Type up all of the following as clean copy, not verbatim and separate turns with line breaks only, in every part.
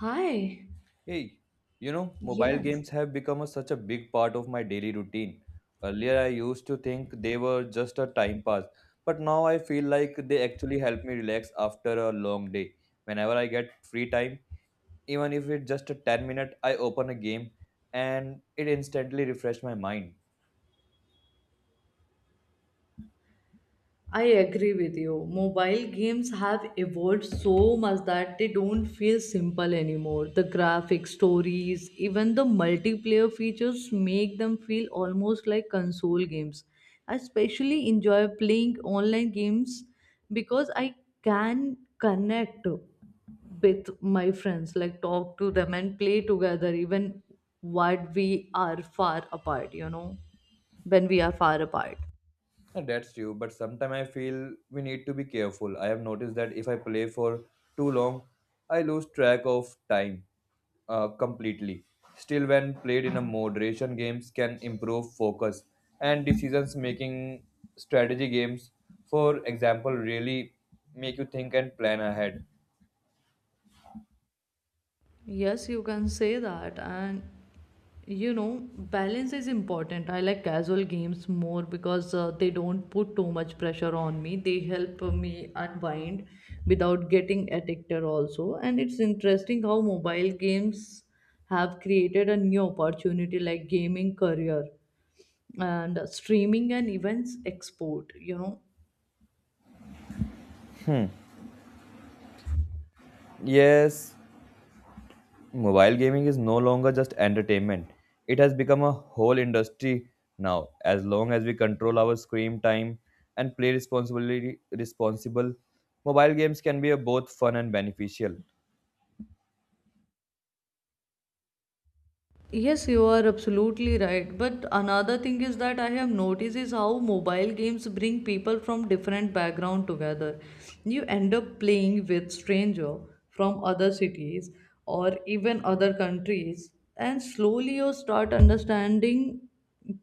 Hi.
Hey, you know, mobile
Yes.
games have become such a big part of my daily routine. Earlier, I used to think they were just a time pass, but now I feel like they actually help me relax after a long day. Whenever I get free time, even if it's just a 10 minute, I open a game and it instantly refreshes my mind.
I agree with you. Mobile games have evolved so much that they don't feel simple anymore. The graphics, stories, even the multiplayer features make them feel almost like console games. I especially enjoy playing online games because I can connect with my friends, like talk to them and play together, even what we are far apart, when we are far apart.
Yeah, that's true, but sometimes I feel we need to be careful. I have noticed that if I play for too long, I lose track of time completely. Still, when played in a moderation, games can improve focus and decisions making. Strategy games, for example, really make you think and plan ahead.
Yes, you can say that. And you know, balance is important. I like casual games more because they don't put too much pressure on me. They help me unwind without getting addicted, also. And it's interesting how mobile games have created a new opportunity like gaming career and streaming and events export, you know.
Yes, mobile gaming is no longer just entertainment. It has become a whole industry now. As long as we control our screen time and play responsibly responsible, mobile games can be a both fun and beneficial.
Yes, you are absolutely right. But another thing is that I have noticed is how mobile games bring people from different background together. You end up playing with stranger from other cities or even other countries, and slowly you start understanding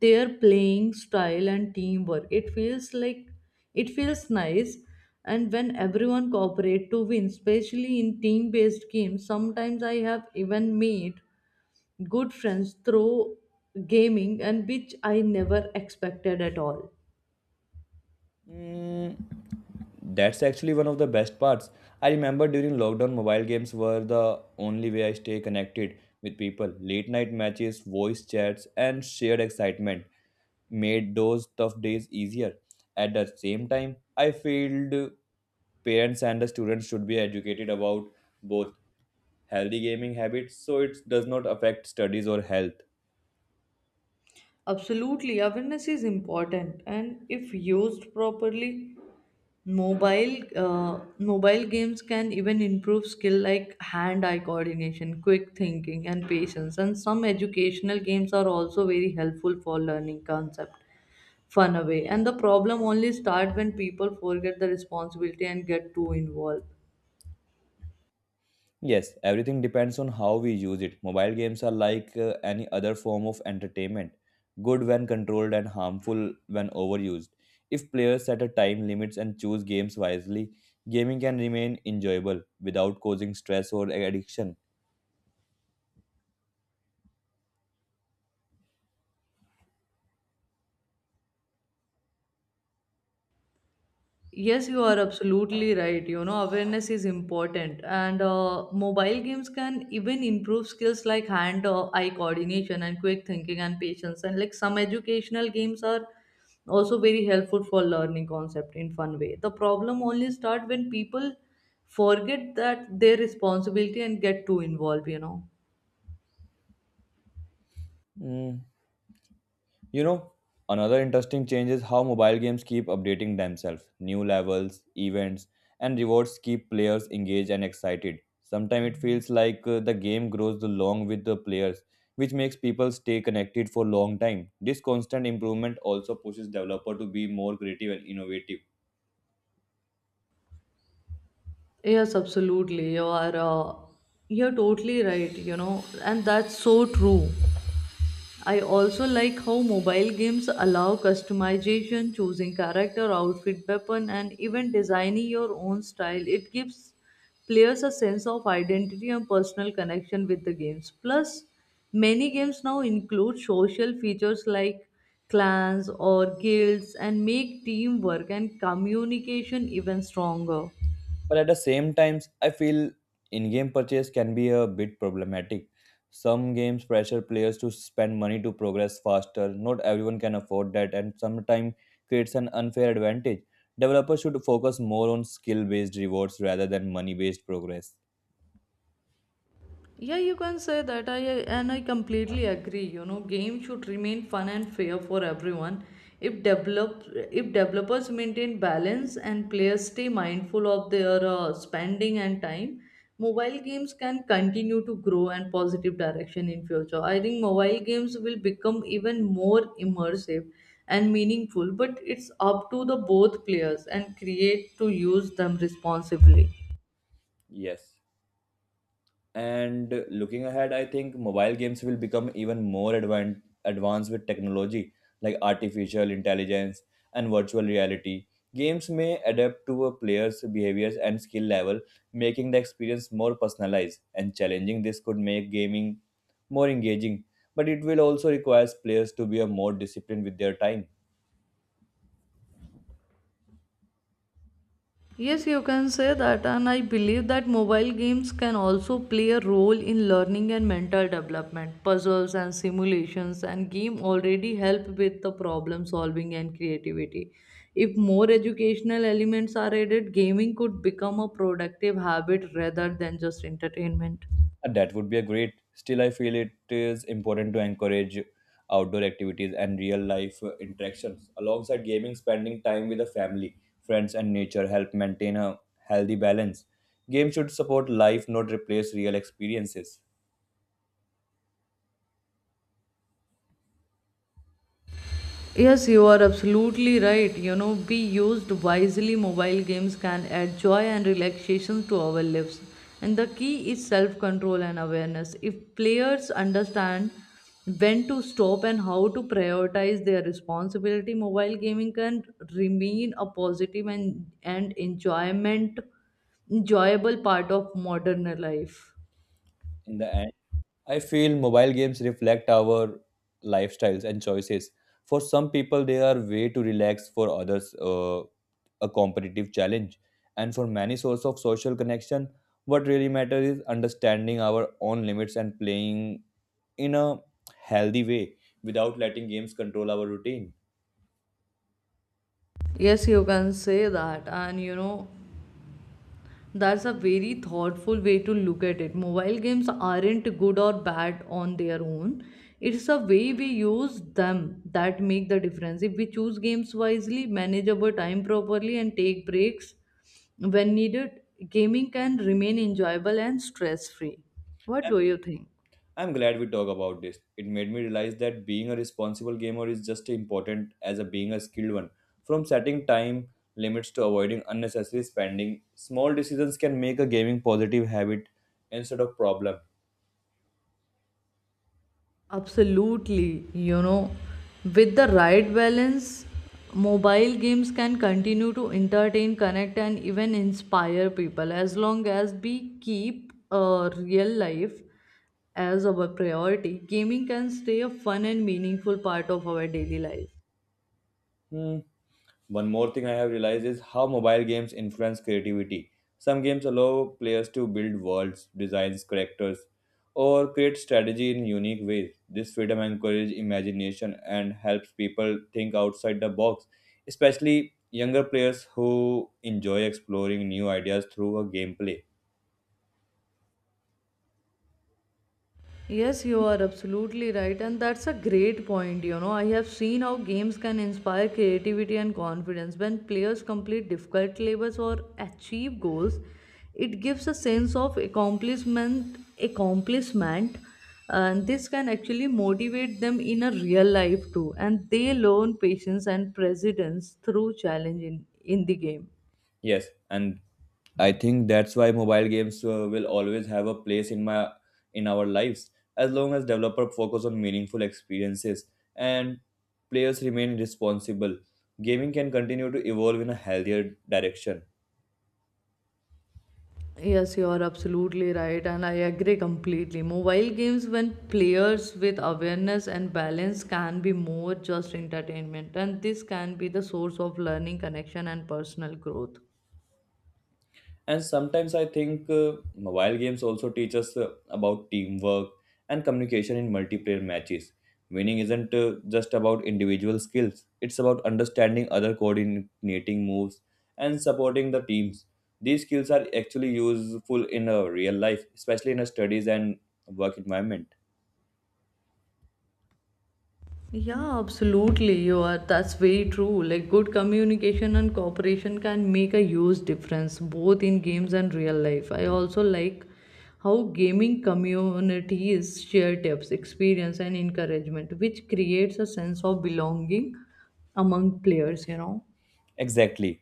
their playing style and teamwork. It feels nice and when everyone cooperate to win, especially in team-based games, sometimes I have even made good friends through gaming and which I never expected at all.
Mm, that's actually one of the best parts. I remember during lockdown, mobile games were the only way I stay connected with people. Late night matches, voice chats, and shared excitement made those tough days easier. At the same time, I feel parents and the students should be educated about both healthy gaming habits so it does not affect studies or health.
Absolutely, awareness is important, and if used properly, mobile uh, mobile games can even improve skill like hand eye coordination, quick thinking, and patience. And some educational games are also very helpful for learning concept fun away, and the problem only start when people forget the responsibility and get too involved.
Yes, everything depends on how we use it. Mobile games are like any other form of entertainment, good when controlled and harmful when overused. If players set a time limits and choose games wisely, gaming can remain enjoyable without causing stress or addiction.
Yes, you are absolutely right. You know, awareness is important, and mobile games can even improve skills like hand eye coordination and quick thinking and patience. And like some educational games are also very helpful for learning concept in fun way. The problem only start when people forget that their responsibility and get too involved. You know.
Mm, you know, another interesting change is how mobile games keep updating themselves. New levels, events, and rewards keep players engaged and excited. Sometimes it feels like the game grows along with the players, which makes people stay connected for a long time. This constant improvement also pushes developer to be more creative and innovative.
Yes, absolutely. You're totally right, you know, and that's so true. I also like how mobile games allow customization, choosing character, outfit, weapon, and even designing your own style. It gives players a sense of identity and personal connection with the games. Plus, many games now include social features like clans or guilds and make teamwork and communication even stronger.
But at the same times, I feel in-game purchase can be a bit problematic. Some games pressure players to spend money to progress faster. Not everyone can afford that, and sometimes creates an unfair advantage. Developers should focus more on skill-based rewards rather than money-based progress.
Yeah, you can say that. I completely agree. You know, games should remain fun and fair for everyone. If develop if developers maintain balance and players stay mindful of their spending and time, mobile games can continue to grow and positive direction in future. I think mobile games will become even more immersive and meaningful, but it's up to the both players and create to use them responsibly.
Yes. And looking ahead, I think mobile games will become even more advanced with technology like artificial intelligence and virtual reality. Games may adapt to a player's behaviors and skill level, making the experience more personalized and challenging. This could make gaming more engaging, but it will also require players to be a more disciplined with their time.
Yes, you can say that, and I believe that mobile games can also play a role in learning and mental development. Puzzles and simulations and game already help with the problem solving and creativity. If more educational elements are added, gaming could become a productive habit rather than just entertainment.
That would be a great. Still, I feel it is important to encourage outdoor activities and real life interactions. Alongside gaming, spending time with the family, friends, and nature help maintain a healthy balance. Games should support life, not replace real experiences.
Yes, you are absolutely right. You know, be used wisely, mobile games can add joy and relaxation to our lives. And the key is self control and awareness. If players understand when to stop and how to prioritize their responsibility, mobile gaming can remain a positive and enjoyment enjoyable part of modern life.
In the end, I feel mobile games reflect our lifestyles and choices. For some people, they are way to relax. For others, a competitive challenge. And for many, source of social connection. What really matters is understanding our own limits and playing in a healthy way without letting games control our routine.
Yes, you can say that. And you know, that's a very thoughtful way to look at it. Mobile games aren't good or bad on their own. It's the way we use them that make the difference. If we choose games wisely, manage our time properly, and take breaks when needed, gaming can remain enjoyable and stress free. What do you think?
I'm glad we talk about this. It made me realize that being a responsible gamer is just as important as a being a skilled one. From setting time limits to avoiding unnecessary spending, small decisions can make a gaming positive habit instead of problem.
Absolutely, you know, with the right balance, mobile games can continue to entertain, connect, and even inspire people as long as we keep real life as our priority. Gaming can stay a fun and meaningful part of our daily life.
Hmm, one more thing I have realized is how mobile games influence creativity. Some games allow players to build worlds, designs, characters, or create strategy in unique ways. This freedom encourages imagination and helps people think outside the box, especially younger players who enjoy exploring new ideas through a gameplay.
Yes, you are absolutely right, and that's a great point. You know, I have seen how games can inspire creativity and confidence. When players complete difficult levels or achieve goals, it gives a sense of accomplishment, and this can actually motivate them in a real life too. And they learn patience and perseverance through challenge in the game.
Yes, and I think that's why mobile games will always have a place in my in our lives as long as developer focus on meaningful experiences and players remain responsible. Gaming can continue to evolve in a healthier direction.
Yes, you are absolutely right, and I agree completely. Mobile games, when players with awareness and balance, can be more just entertainment, and this can be the source of learning, connection, and personal growth.
And sometimes I think mobile games also teach us about teamwork and communication in multiplayer matches. Winning isn't just about individual skills, it's about understanding other coordinating moves and supporting the teams. These skills are actually useful in real life, especially in a studies and work environment.
Yeah, absolutely. You are. That's very true. Like, good communication and cooperation can make a huge difference both in games and real life. I also like how gaming communities share tips, experience, and encouragement, which creates a sense of belonging among players, you know.
Exactly.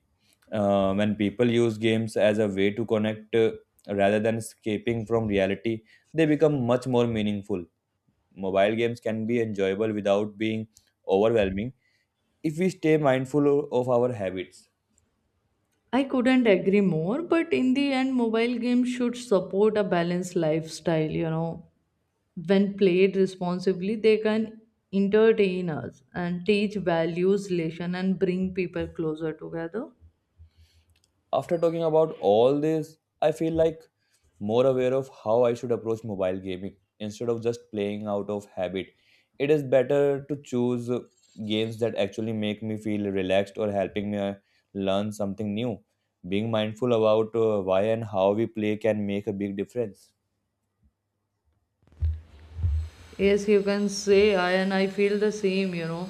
When people use games as a way to connect, rather than escaping from reality, they become much more meaningful. Mobile games can be enjoyable without being overwhelming if we stay mindful of our habits.
I couldn't agree more, but in the end, mobile games should support a balanced lifestyle, you know, when played responsibly, they can entertain us and teach values, lesson, and bring people closer together.
After talking about all this, I feel like more aware of how I should approach mobile gaming instead of just playing out of habit. It is better to choose games that actually make me feel relaxed or helping me learn something new. Being mindful about why and how we play can make a big difference.
Yes, you can say I feel the same, you know.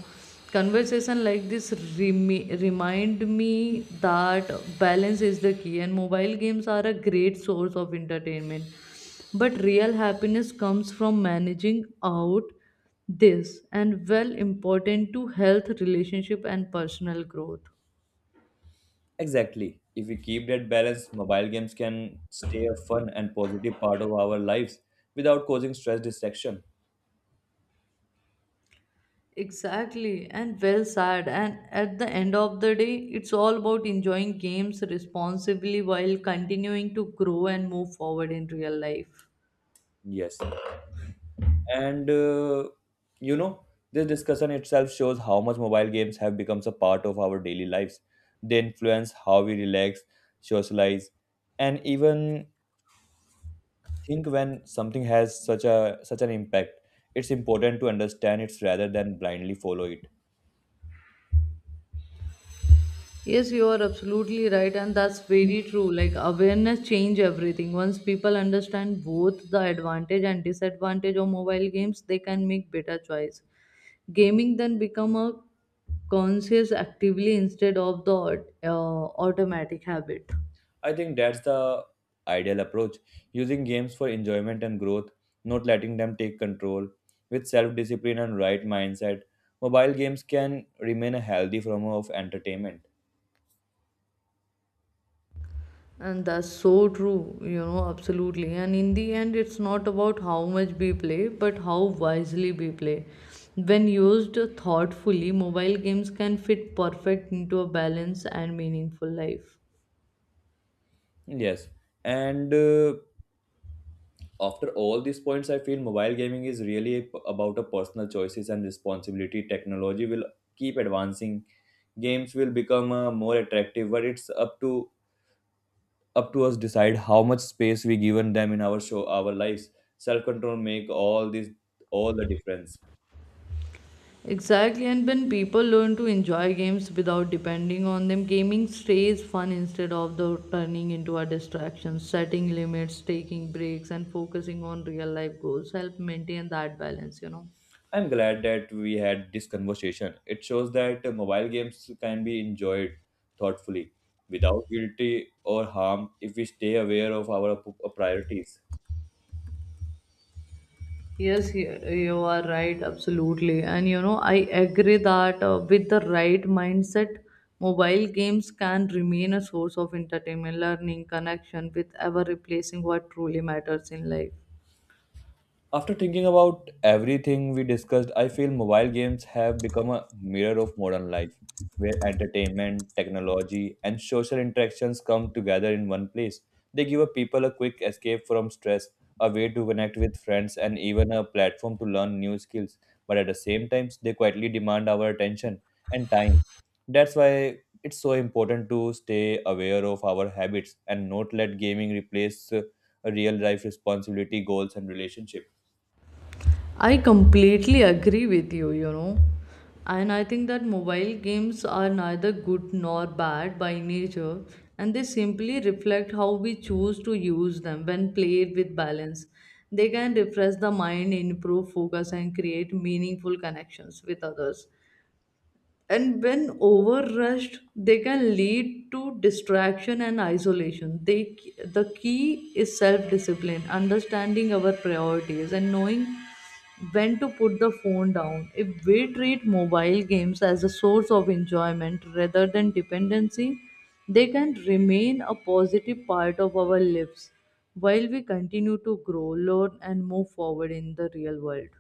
Conversation like this remind me that balance is the key, and mobile games are a great source of entertainment. But real happiness comes from managing out this and well important to health, relationship, and personal growth.
Exactly. If we keep that balance, mobile games can stay a fun and positive part of our lives without causing stress distraction.
Exactly, and well said. And at the end of the day, it's all about enjoying games responsibly while continuing to grow and move forward in real life.
Yes. And you know, this discussion itself shows how much mobile games have become a part of our daily lives. They influence how we relax, socialize, and even think when something has such an impact. It's important to understand it rather than blindly follow it.
Yes, you are absolutely right, and that's very true. Like awareness change everything. Once people understand both the advantage and disadvantage of mobile games, they can make better choice. Gaming then become a conscious actively instead of the automatic habit.
I think that's the ideal approach, using games for enjoyment and growth, not letting them take control. With self discipline and right mindset, mobile games can remain a healthy form of entertainment.
And that's so true, you know, absolutely. And in the end, it's not about how much we play, but how wisely we play. When used thoughtfully, mobile games can fit perfect into a balanced and meaningful life.
Yes, and after all these points, I feel mobile gaming is really about a personal choices and responsibility. Technology will keep advancing, games will become more attractive, but it's up to us decide how much space we given them in our lives. Self control make all the difference.
Exactly, and when people learn to enjoy games without depending on them, gaming stays fun instead of the turning into a distraction. Setting limits, taking breaks, and focusing on real life goals help maintain that balance, you know.
I'm glad that we had this conversation. It shows that mobile games can be enjoyed thoughtfully without guilty or harm if we stay aware of our priorities.
Yes, you are right, absolutely. And you know, I agree that with the right mindset, mobile games can remain a source of entertainment, learning, connection with ever replacing what truly matters in life.
After thinking about everything we discussed, I feel mobile games have become a mirror of modern life, where entertainment, technology, and social interactions come together in one place. They give a people a quick escape from stress, a way to connect with friends, and even a platform to learn new skills. But at the same time, they quietly demand our attention and time. That's why it's so important to stay aware of our habits and not let gaming replace real life responsibility, goals, and relationships.
I completely agree with you, you know. And I think that mobile games are neither good nor bad by nature, and they simply reflect how we choose to use them when played with balance. They can refresh the mind, improve focus, and create meaningful connections with others, and when overrushed they can lead to distraction and isolation they, the key is self-discipline, understanding our priorities and knowing when to put the phone down. If we treat mobile games as a source of enjoyment rather than dependency, they can remain a positive part of our lives while we continue to grow, learn, and move forward in the real world.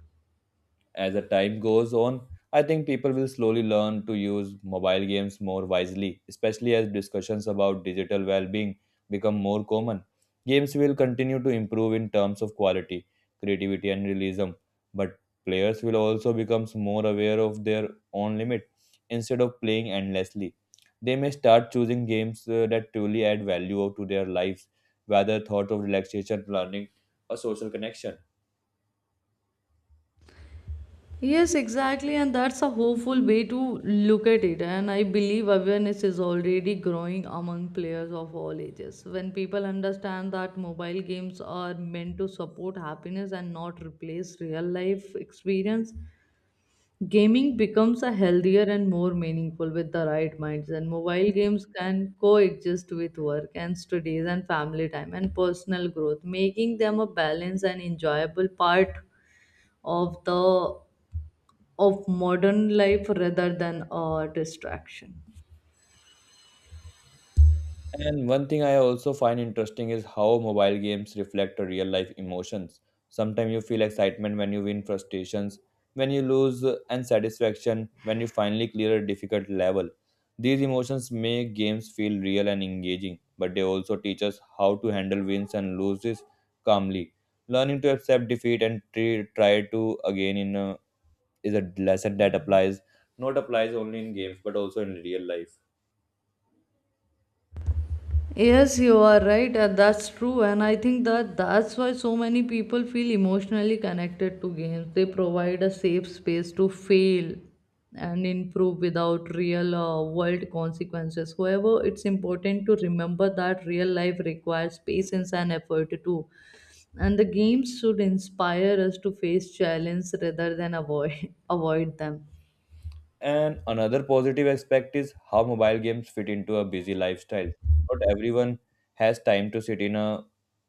As the time goes on, I think people will slowly learn to use mobile games more wisely, especially as discussions about digital well being become more common. Games will continue to improve in terms of quality, creativity, and realism, but players will also become more aware of their own limit instead of playing endlessly. They may start choosing games that truly add value to their lives, whether thought of relaxation, learning, or social connection.
Yes, exactly, and that's a hopeful way to look at it. And I believe awareness is already growing among players of all ages. When people understand that mobile games are meant to support happiness and not replace real life experience, gaming becomes a healthier and more meaningful with the right minds. And mobile games can coexist with work and studies and family time and personal growth, making them a balanced and enjoyable part of the of modern life rather than a distraction.
And one thing I also find interesting is how mobile games reflect real life emotions. Sometimes you feel excitement when you win, frustrations when you lose, and satisfaction when you finally clear a difficult level. These emotions make games feel real and engaging, but they also teach us how to handle wins and loses calmly. Learning to accept defeat and try to again is a lesson that applies not applies only in games but also in real life.
Yes, you are right, and that's true. And I think that's why so many people feel emotionally connected to games. They provide a safe space to fail and improve without real world consequences. However, it's important to remember that real life requires patience and effort too. And the games should inspire us to face challenges rather than avoid avoid them.
And another positive aspect is how mobile games fit into a busy lifestyle. Not everyone has time to sit in a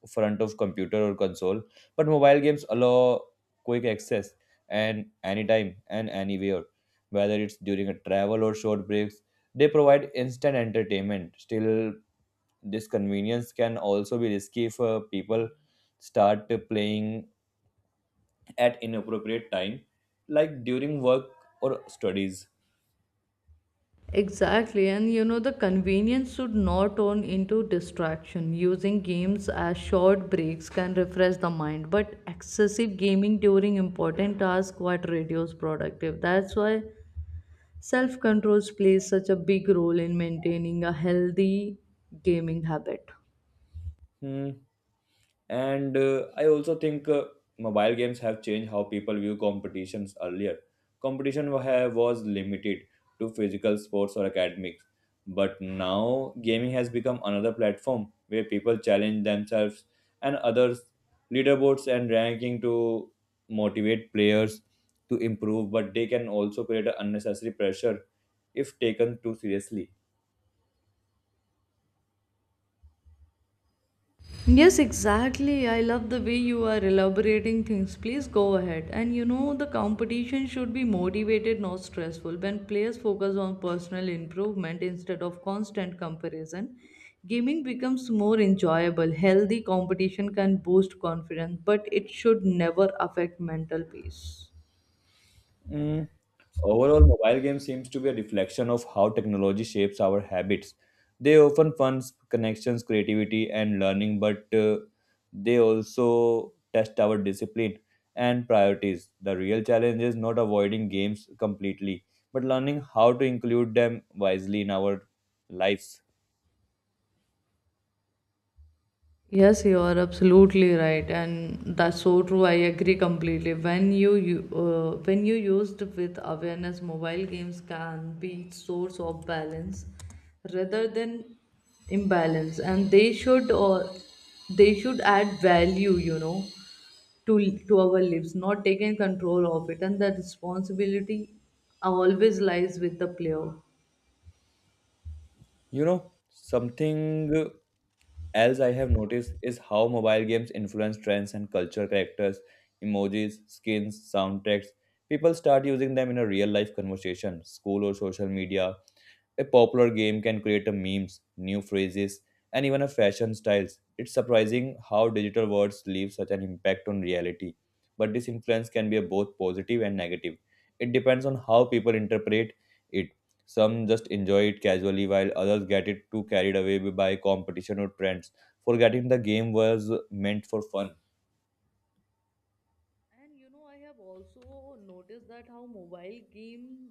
front of computer or console, but mobile games allow quick access and anytime and anywhere. Whether it's during a travel or short breaks, they provide instant entertainment. Still, this convenience can also be risky if people start playing at inappropriate time, like during work or studies.
Exactly, and you know, the convenience should not turn into distraction. Using games as short breaks can refresh the mind, but excessive gaming during important tasks quite reduce productive. That's why self control plays such a big role in maintaining a healthy gaming habit.
Hmm. And I also think mobile games have changed how people view competitions earlier. Competition was limited to physical sports or academics, but now gaming has become another platform where people challenge themselves and others, leaderboards and ranking to motivate players to improve, but they can also create an unnecessary pressure if taken too seriously.
Yes, exactly. I love the way you are elaborating things. Please go ahead. And you know, the competition should be motivated, not stressful. When players focus on personal improvement instead of constant comparison, gaming becomes more enjoyable. Healthy competition can boost confidence, but it should never affect mental peace.
Mm, overall, mobile games seems to be a reflection of how technology shapes our habits. They often funds connections, creativity, and learning, but they also test our discipline and priorities. The real challenge is not avoiding games completely, but learning how to include them wisely in our lives.
Yes, you are absolutely right, and that's so true. I agree completely. When you used with awareness, mobile games can be source of balance rather than imbalance, and they should add value, you know, to our lives, not taking control of it, and the responsibility always lies with the player.
You know, something else I have noticed is how mobile games influence trends and culture characters, emojis, skins, soundtracks. People start using them in a real life conversation, school or social media. A popular game can create a memes, new phrases, and even a fashion styles. It's surprising how digital words leave such an impact on reality. But this influence can be both positive and negative. It depends on how people interpret it. Some just enjoy it casually, while others get it too carried away by competition or trends, forgetting the game was meant for fun.
And you know, I have also noticed that how mobile game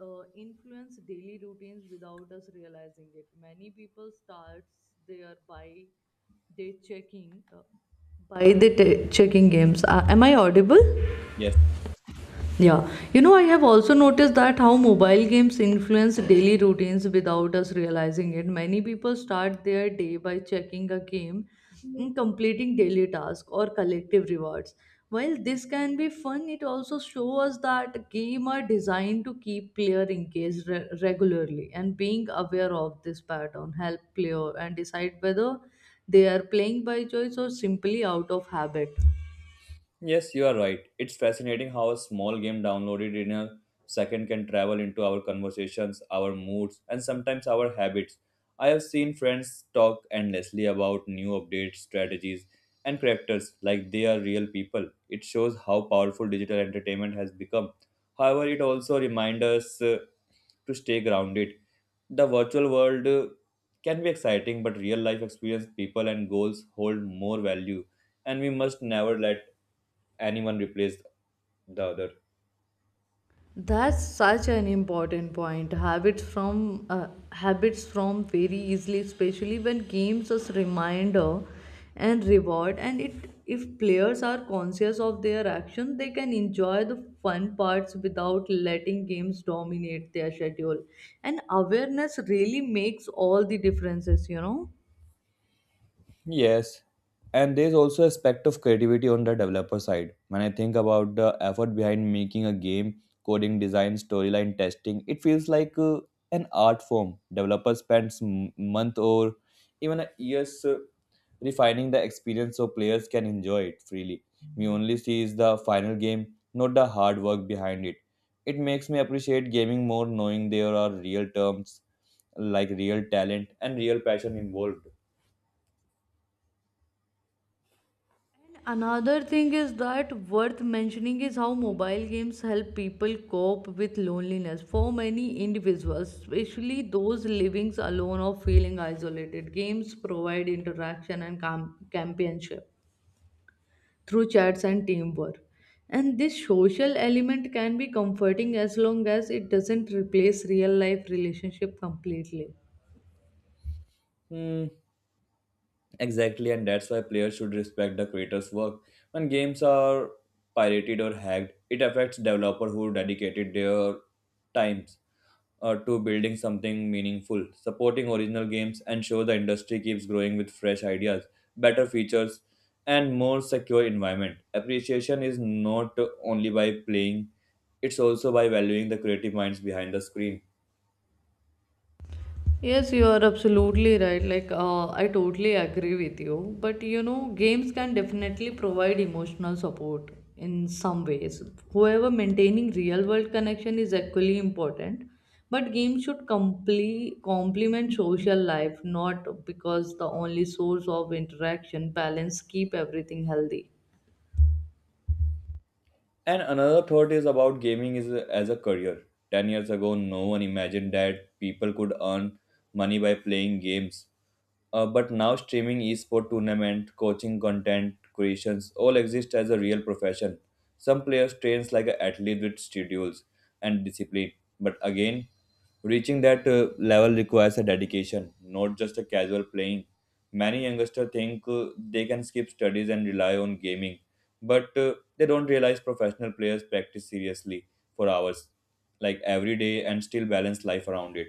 influence daily routines without us realizing it. Many people starts their by they checking by the t- checking games. Am I audible?
Yes.
Yeah, you know, I have also noticed that how mobile games influence daily routines without us realizing it. Many people start their day by checking a game and completing daily tasks or collective rewards. While this can be fun, it also shows us that games are designed to keep player engaged regularly, and being aware of this pattern help player and decide whether they are playing by choice or simply out of habit.
Yes, you are right. It's fascinating how a small game downloaded in a second can travel into our conversations, our moods, and sometimes our habits. I have seen friends talk endlessly about new updates, strategies, and characters like they are real people. It shows how powerful digital entertainment has become. However, it also reminds us to stay grounded. The virtual world can be exciting, but real life experience, people, and goals hold more value, and we must never let anyone replace the other.
That's such an important point. Habits from very easily, especially when games as reminder and reward. And it if players are conscious of their action, they can enjoy the fun parts without letting games dominate their schedule. And awareness really makes all the differences,
Yes. And there's also aspect of creativity on the developer side. When I think about the effort behind making a game, coding, design, storyline, testing, it feels like an art form. Developers spend month or even a years refining the experience so players can enjoy it freely. We only see is the final game, not the hard work behind it. It makes me appreciate gaming more, knowing there are real terms like real talent and real passion involved.
Another thing is that worth mentioning is how mobile games help people cope with loneliness. For many individuals, especially those living alone or feeling isolated, games provide interaction and companionship through chats and teamwork. And this social element can be comforting as long as it doesn't replace real life relationship completely.
Hmm, exactly, and that's why players should respect the creator's work. When games are pirated or hacked, it affects developer who dedicated their times to building something meaningful. Supporting original games ensure the industry keeps growing with fresh ideas, better features, and more secure environment. Appreciation is not only by playing; it's also by valuing the creative minds behind the screen.
Yes, you are absolutely right. I totally agree with you. But you know, games can definitely provide emotional support in some ways. However, maintaining real world connection is equally important. But games should complement social life, not because the only source of interaction. Balance keep everything healthy.
And another thought is about gaming is as a career. 10 years ago, no one imagined that people could earn money by playing games. But now streaming esport tournament, coaching content creations all exist as a real profession. Some players trains like an athlete with schedules and discipline. But again, reaching that level requires a dedication, not just a casual playing. Many youngsters think they can skip studies and rely on gaming, but they don't realize professional players practice seriously for hours, like every day, and still balance life around it.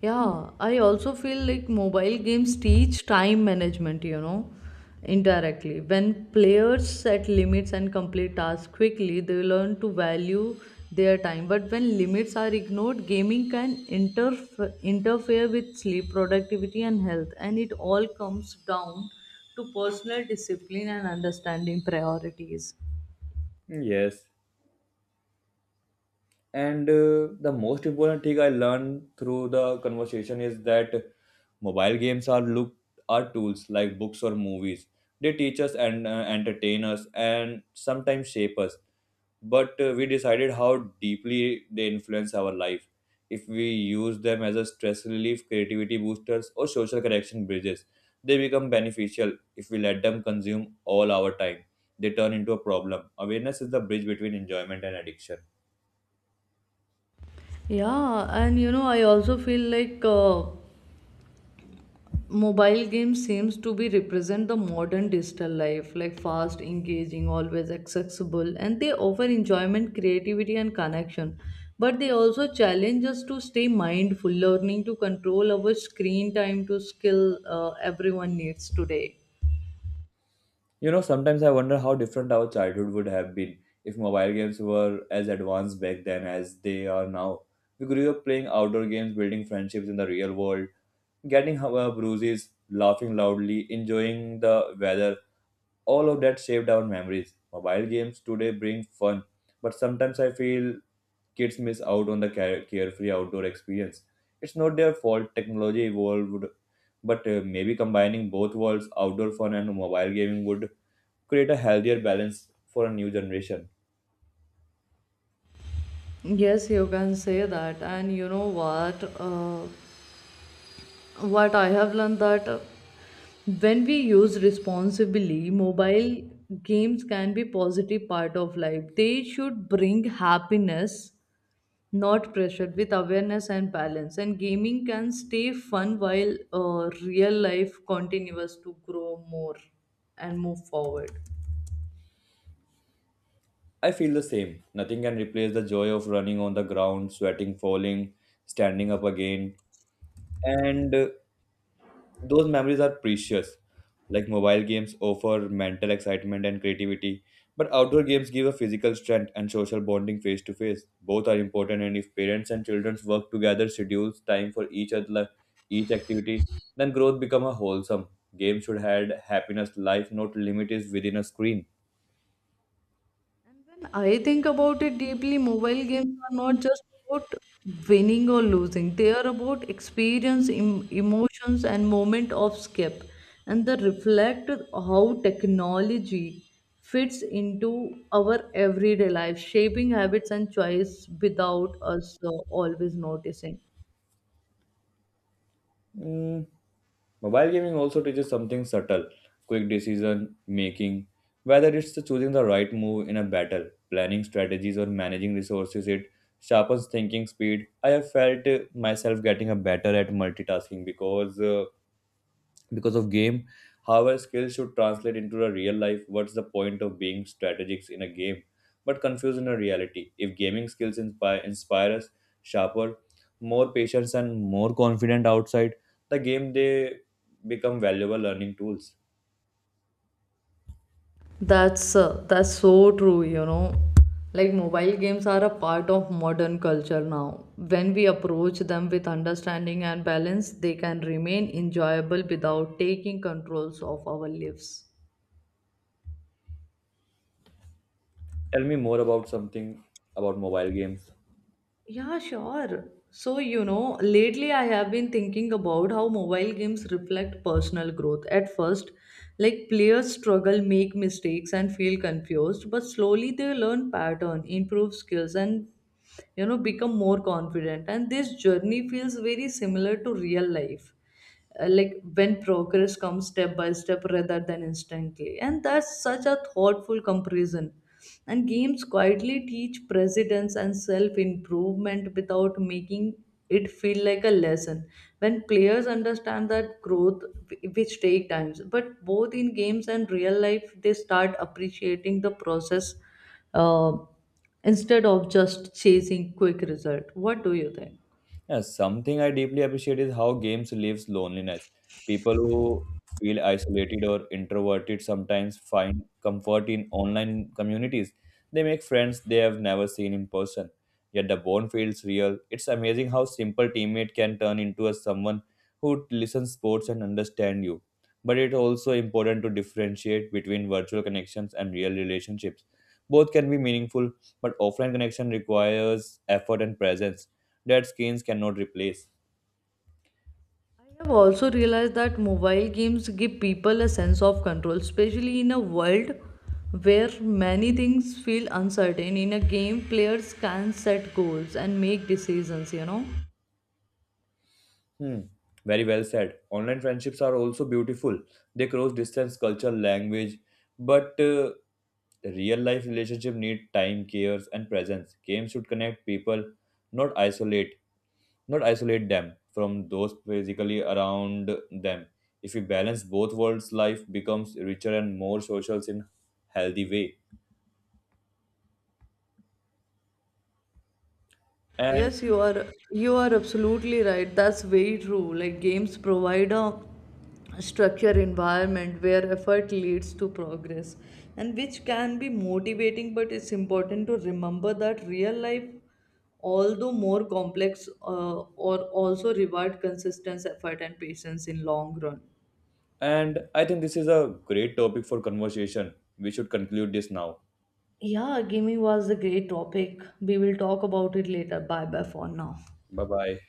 Yeah, I also feel like mobile games teach time management, you know, indirectly. When players set limits and complete tasks quickly, they learn to value their time. But when limits are ignored, gaming can interfere with sleep, productivity, and health. And it all comes down to personal discipline and understanding priorities.
Yes. And the most important thing I learned through the conversation is that mobile games are look are tools like books or movies. They teach us and entertain us and sometimes shape us. But we decided how deeply they influence our life. If we use them as a stress relief, creativity boosters, or social connection bridges, they become beneficial. If we let them consume all our time, they turn into a problem. Awareness is the bridge between enjoyment and addiction.
Yeah, and you know, I also feel like mobile games seems to be represent the modern digital life, like fast, engaging, always accessible, and they offer enjoyment, creativity, and connection, but they also challenge us to stay mindful, learning to control our screen time, to skill everyone needs today.
You know, sometimes I wonder how different our childhood would have been if mobile games were as advanced back then as they are now. We grew up playing outdoor games, building friendships in the real world, getting our bruises, laughing loudly, enjoying the weather. All of that shaped our memories. Mobile games today bring fun, but sometimes I feel kids miss out on the carefree outdoor experience. It's not their fault, technology evolved, but maybe combining both worlds, outdoor fun and mobile gaming, would create a healthier balance for a new generation.
Yes, you can say that. And you know what? What I have learned that when we use responsibly, mobile games can be positive part of life. They should bring happiness, not pressure. With awareness and balance, and gaming can stay fun while real life continues to grow more and move forward.
I feel the same. Nothing can replace the joy of running on the ground, sweating, falling, standing up again, and those memories are precious. Like, mobile games offer mental excitement and creativity, but outdoor games give a physical strength and social bonding face to face. Both are important, and if parents and children work together, schedules time for each other, each activity, then growth become a wholesome. Games should add happiness, life, not limit is within a screen.
When I think about it deeply, mobile games are not just about winning or losing. They are about experience, emotions, and moment of escape, and they reflect how technology fits into our everyday life, shaping habits and choice without us always noticing.
Mm, mobile gaming also teaches something subtle: quick decision making. Whether it's choosing the right move in a battle, planning strategies, or managing resources, it sharpens thinking speed. I have felt myself getting a better at multitasking because of game. However, skills should translate into a real life. What's the point of being strategics in a game but confused in a reality? If gaming skills inspire, us sharper, more patience, and more confident outside the game, they become valuable learning tools.
That's so true, you know. Like mobile games are a part of modern culture now. When we approach them with understanding and balance, they can remain enjoyable without taking controls of our lives.
Tell me more about something, about mobile games.
Yeah, sure. So, you know, lately I have been thinking about how mobile games reflect personal growth. At first, like players struggle, make mistakes, and feel confused, but slowly they learn pattern, improve skills, and you know, become more confident. And this journey feels very similar to real life, like when progress comes step by step rather than instantly. And that's such a thoughtful comparison, and games quietly teach precedence and self improvement without making it feel like a lesson. When players understand that growth which take times, but both in games and real life, they start appreciating the process, uh, instead of just chasing quick result. What do you think?
Yeah, something I deeply appreciate is how games relieves loneliness. People who feel isolated or introverted sometimes find comfort in online communities. They make friends they have never seen in person. Yet the bond feels real. It's amazing how simple teammate can turn into a someone who listens, sports, and understand you. But it's also important to differentiate between virtual connections and real relationships. Both can be meaningful, but offline connection requires effort and presence that screens cannot replace.
I have also realized that mobile games give people a sense of control, especially in a world where many things feel uncertain. In a game, players can set goals and make decisions, you know.
Hmm. Very well said. Online friendships are also beautiful. They cross distance, culture, language, but real life relationship need time, cares, and presence. Games should connect people, not isolate, not isolate them from those physically around them. If we balance both worlds, life becomes richer and more social in healthy way. And
Yes, you are absolutely right. That's very true. Like games provide a structured environment where effort leads to progress, and which can be motivating, but it's important to remember that real life, although more complex, or also reward consistent effort and patience in long run.
and I think this is a great topic for conversation. We should conclude this now.
Yeah, gaming was a great topic. We will talk about it later. Bye bye for now.
Bye bye.